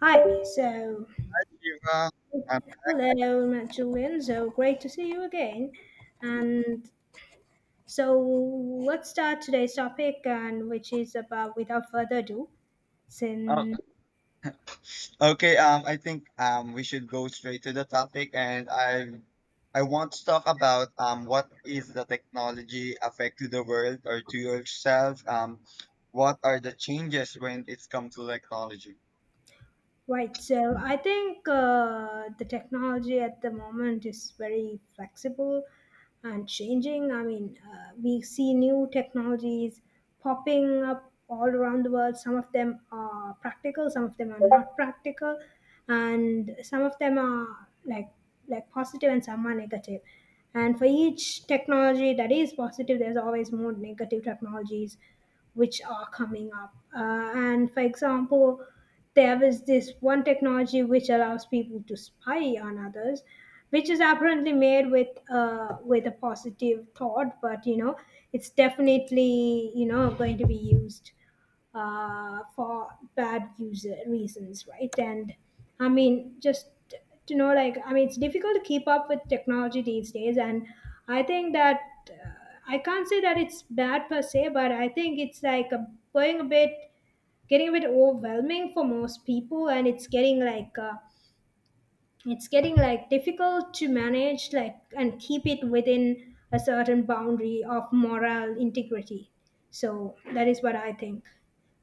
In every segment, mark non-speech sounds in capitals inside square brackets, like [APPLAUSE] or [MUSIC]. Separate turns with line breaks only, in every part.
Hi,
Shiva. Um,
hello, Matt Julian. So great to see you again. And so let's start today's topic, and which is about, without further ado,
uh,
since
okay, I think we should go straight to the topic, and I want to talk about what is the technology affect to the world or to yourself? What are the changes when it's come to technology?
right. So I think the technology at the moment is very flexible and changing. I mean, we see new technologies popping up all around the world. Some of them are practical, some of them are not practical, and some of them are like positive and some are negative. And for each technology that is positive, there's always more negative technologies which are coming up. And for example, there was this one technology which allows people to spy on others, which is apparently made with with a positive thought, but it's definitely going to be used for bad user reasons, right? And I mean, just to know, I mean, it's difficult to keep up with technology these days, and I think that uh, I can't say that it's bad per se, but I think it's going getting a bit overwhelming for most people, and it's getting difficult to manage, and keep it within a certain boundary of moral integrity. So that is what I think.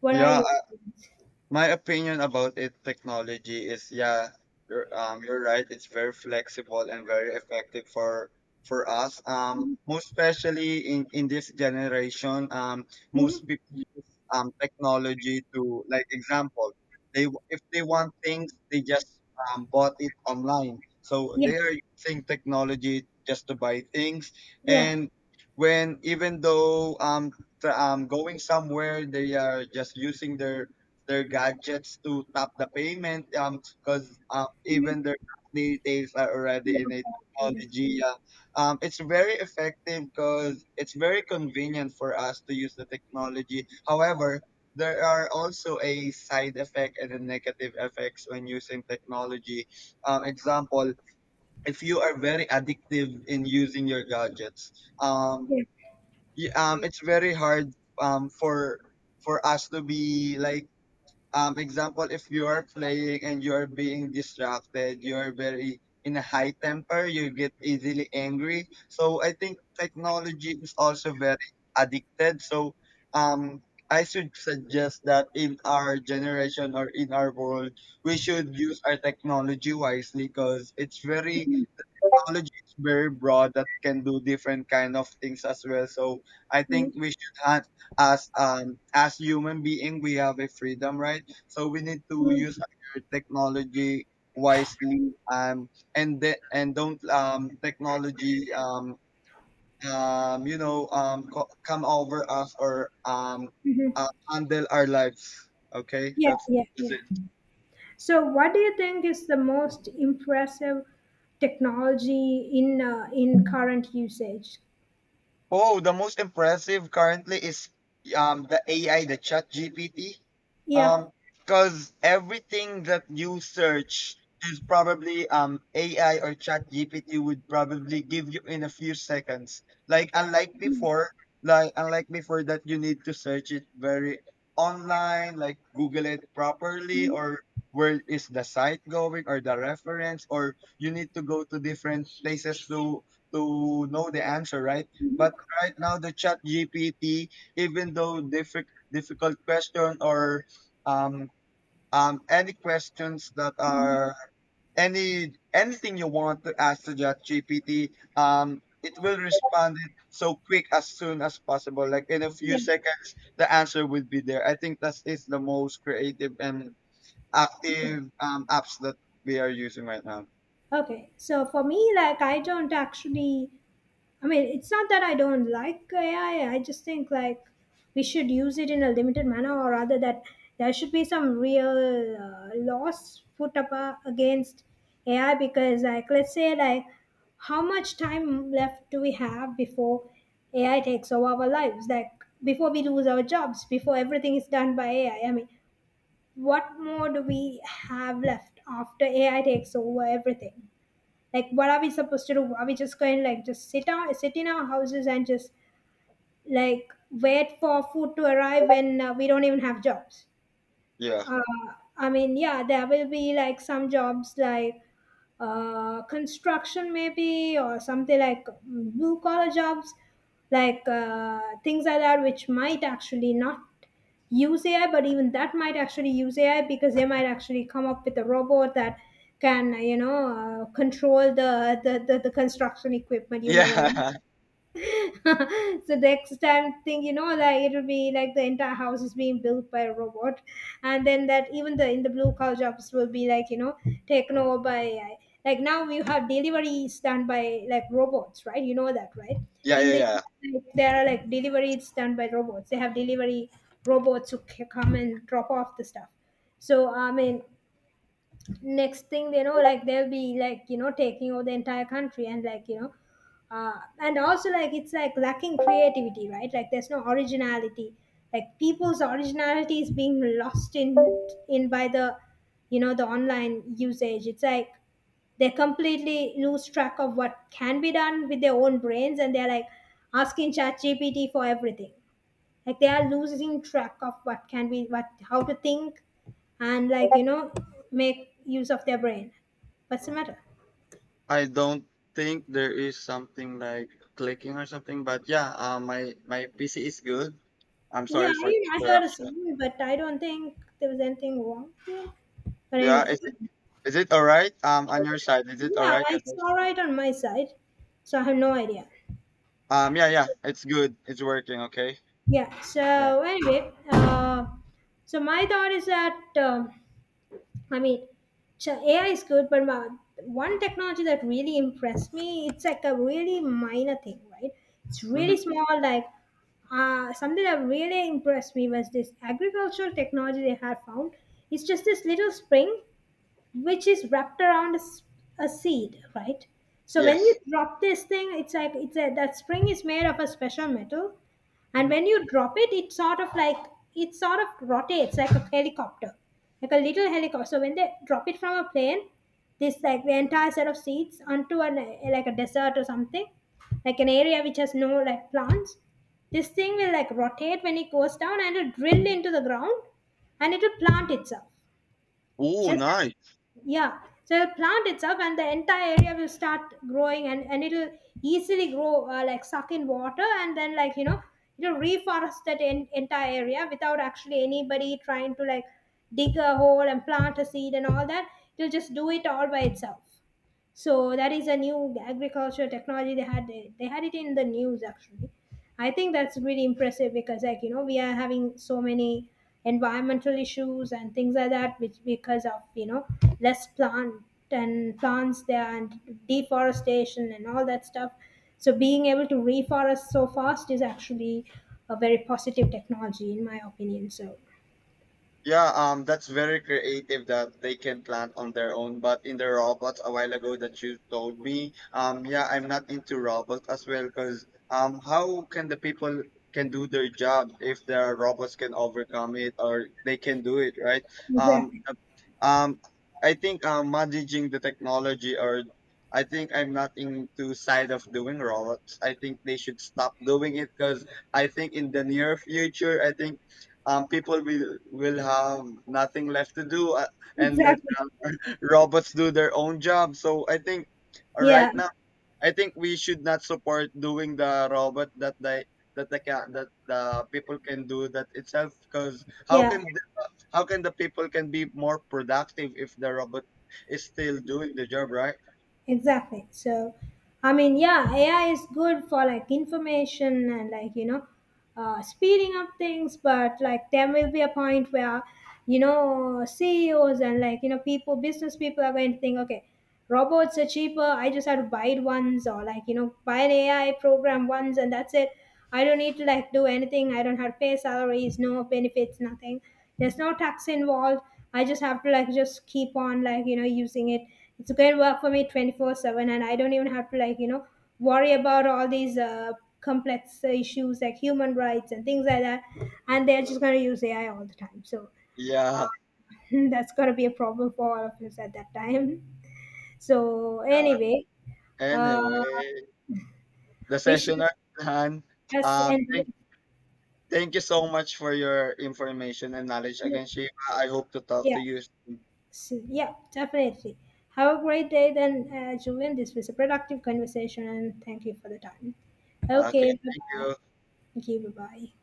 What are
Yeah,
your thoughts?
my opinion about it, technology is, yeah, you're right. It's very flexible and very effective for us. Most especially in this generation,
Hmm?
most people use technology to, like, example, they if they want things, they just bought it online. So
Yeah,
they are using technology just to buy things,
yeah.
and when even though going somewhere, they are just using their gadgets to tap the payment because
Hmm?
even their details are already in a
Yeah,
technology, yeah. It's very effective because it's very convenient for us to use the technology. However, there are also a side effect and a negative effects when using technology. Example, if you are very addictive in using your gadgets, um
yeah.
it's very hard um for for us to be like, example, if you are playing and you are being distracted, you are very in a high temper, you get easily angry. So I think technology is also very addicted. So um I should suggest that in our generation or in our world, we should use our technology wisely because it's very, technology is very broad, that can do different kind of things as well. So I
Hmm?
think we should have, as human being, we have a freedom, right? So we need to
Hmm?
use our technology wisely. And don't technology come over us, or
Mhm.
handle our lives. Okay,
Yeah, yeah,
that's
yeah.
it.
So what do you think is the most impressive technology in current usage?
Oh, the most impressive currently is the AI, the Chat GPT.
Yeah.
Um, because everything that you search is probably AI or Chat GPT would probably give you in a few seconds. Like, unlike before, like unlike before, that you need to search it very online, like Google it properly,
Mhm.
or where is the site going or the reference, or you need to go to different places to know the answer, right? But right now the Chat GPT, even though difficult question or um, any questions that
Mhm.
are, any anything you want to ask the Chat GPT, it will respond it so quick as soon as possible, like in a few
Yeah.
seconds the answer will be there. I think that is the most creative and
Yeah.
active, apps that we are using right now.
Okay, so for me, I don't actually, I mean, it's not that I don't like AI, I just think, we should use it in a limited manner, or rather, that there should be some real laws put up against AI because, let's say, how much time left do we have before AI takes over our lives? Like, before we lose our jobs, before everything is done by AI? I mean, what more do we have left after AI takes over everything? Like, what are we supposed to do? Are we just going, like, just sit in our houses and just wait for food to arrive when we don't even have jobs?
Yeah.
Uh, I mean, yeah, there will be like some jobs like construction maybe, or something like, blue collar jobs, like things like that which might actually not use AI. But even that might actually use AI, because they might actually come up with a robot that can, control the construction equipment. You never know.
Yeah.
[LAUGHS] So next time thing you know, like, it'll be like the entire house is being built by a robot, and then that even the in the blue collar jobs will be like, taken over by AI. Like, now you have deliveries done by like robots, right? You know that, right?
[LAUGHS] yeah
In
yeah
the
yeah
US, there are like deliveries done by robots. They have delivery robots who come and drop off the stuff. So I mean, next thing you know, like, they'll be like, taking over the entire country and like, uh, and also like it's like lacking creativity, right? Like there's no originality. Like people's originality is being lost in by the, the online usage. It's like they completely lose track of what can be done with their own brains, and they're like asking chat gpt for everything. Like, they are losing track of what can be, what, how to think, and, make use of their brain. What's the matter?
I don't think there is something like clicking or something, but yeah, my my PC is good. I'm
Yeah,
sorry for
I heard a
interruption.
sound but I don't think there was anything wrong with it. But
Yeah,
anyway,
is
it's,
it, is it all right? On your side, is it all
yeah,
right? That's
it's
it.
all right on my side. So I have no idea.
Yeah, yeah, it's good. It's working. Okay.
Yeah,
Yeah.
so anyway, so my thought is that, I mean, AI is good, but my, one technology that really impressed me, it's like a really minor thing, right? It's really
Mm-hmm.
small, like something that really impressed me was this agricultural technology they had found. It's just this little spring which is wrapped around a seed, right? So when you
Yes.
drop this thing, it's like that spring is made of a special metal, and
Mm-hmm.
when you drop it, it sort of rotates like a helicopter, like a little helicopter. So when they drop it from a plane, this like the entire set of seeds onto an like a desert or something, like an area which has no like plants, this thing will like rotate when it goes down and it'll drill into the ground and it'll plant itself.
Oh,
Just
nice.
yeah, so the plant itself and the entire area will start growing, and it'll easily grow, like suck in water, and then, it'll reforest that entire area without actually anybody trying to like dig a hole and plant a seed and all that. It'll just do it all by itself. So that is a new agriculture technology they had it in the news actually. I think that's really impressive because, we are having so many environmental issues and things like that, which because of, less plants there, and deforestation and all that stuff. So being able to reforest so fast is actually a very positive technology in my opinion. So
Yeah, that's very creative that they can plant on their own. But in the robots a while ago that you told me, yeah, I'm not into robots as well because, how can the people can do their job if their robots can overcome it or they can do it, right? Um,
exactly.
uh, um, I think, managing the technology, or I think I'm not into side of doing robots. I think they should stop doing it because I think in the near future, I think, people will have nothing left to do,
[LAUGHS]
and let,
Exactly.
robots do their own job. So I think,
Yeah,
right now, I think we should not support doing the robot that they, that the people can do that itself. Because how
yeah.
can how can the people can be more productive if the robot is still doing the job, right?
Exactly. So, I mean, yeah, AI is good for like information and, speeding up things. But like there will be a point where, CEOs and, people, business people are going to think, okay, robots are cheaper. I just have to buy it once, or, buy an AI program once, and that's it. I don't need to like do anything. I don't have to pay salaries, no benefits, nothing. There's no tax involved. I just have to like just keep on, using it. It's a great work for me 24/7, and I don't even have to, worry about all these complex issues like human rights and things like that. And they're just going to use AI all the time. So
Yeah.
[LAUGHS] that's going to be a problem for all of us at that time. So
Yeah.
anyway, uh,
Anyway, the
we
session
should
are done.
just
Um,
end.
thank Thank you so much for your information and knowledge again, Shiva. I hope to talk to
Yeah,
you soon.
so, yeah, definitely. Have a great day then, Julian. This was a productive conversation and thank you for the time.
Okay,
Okay,
thank
bye-bye.
you.
Thank you, bye-bye.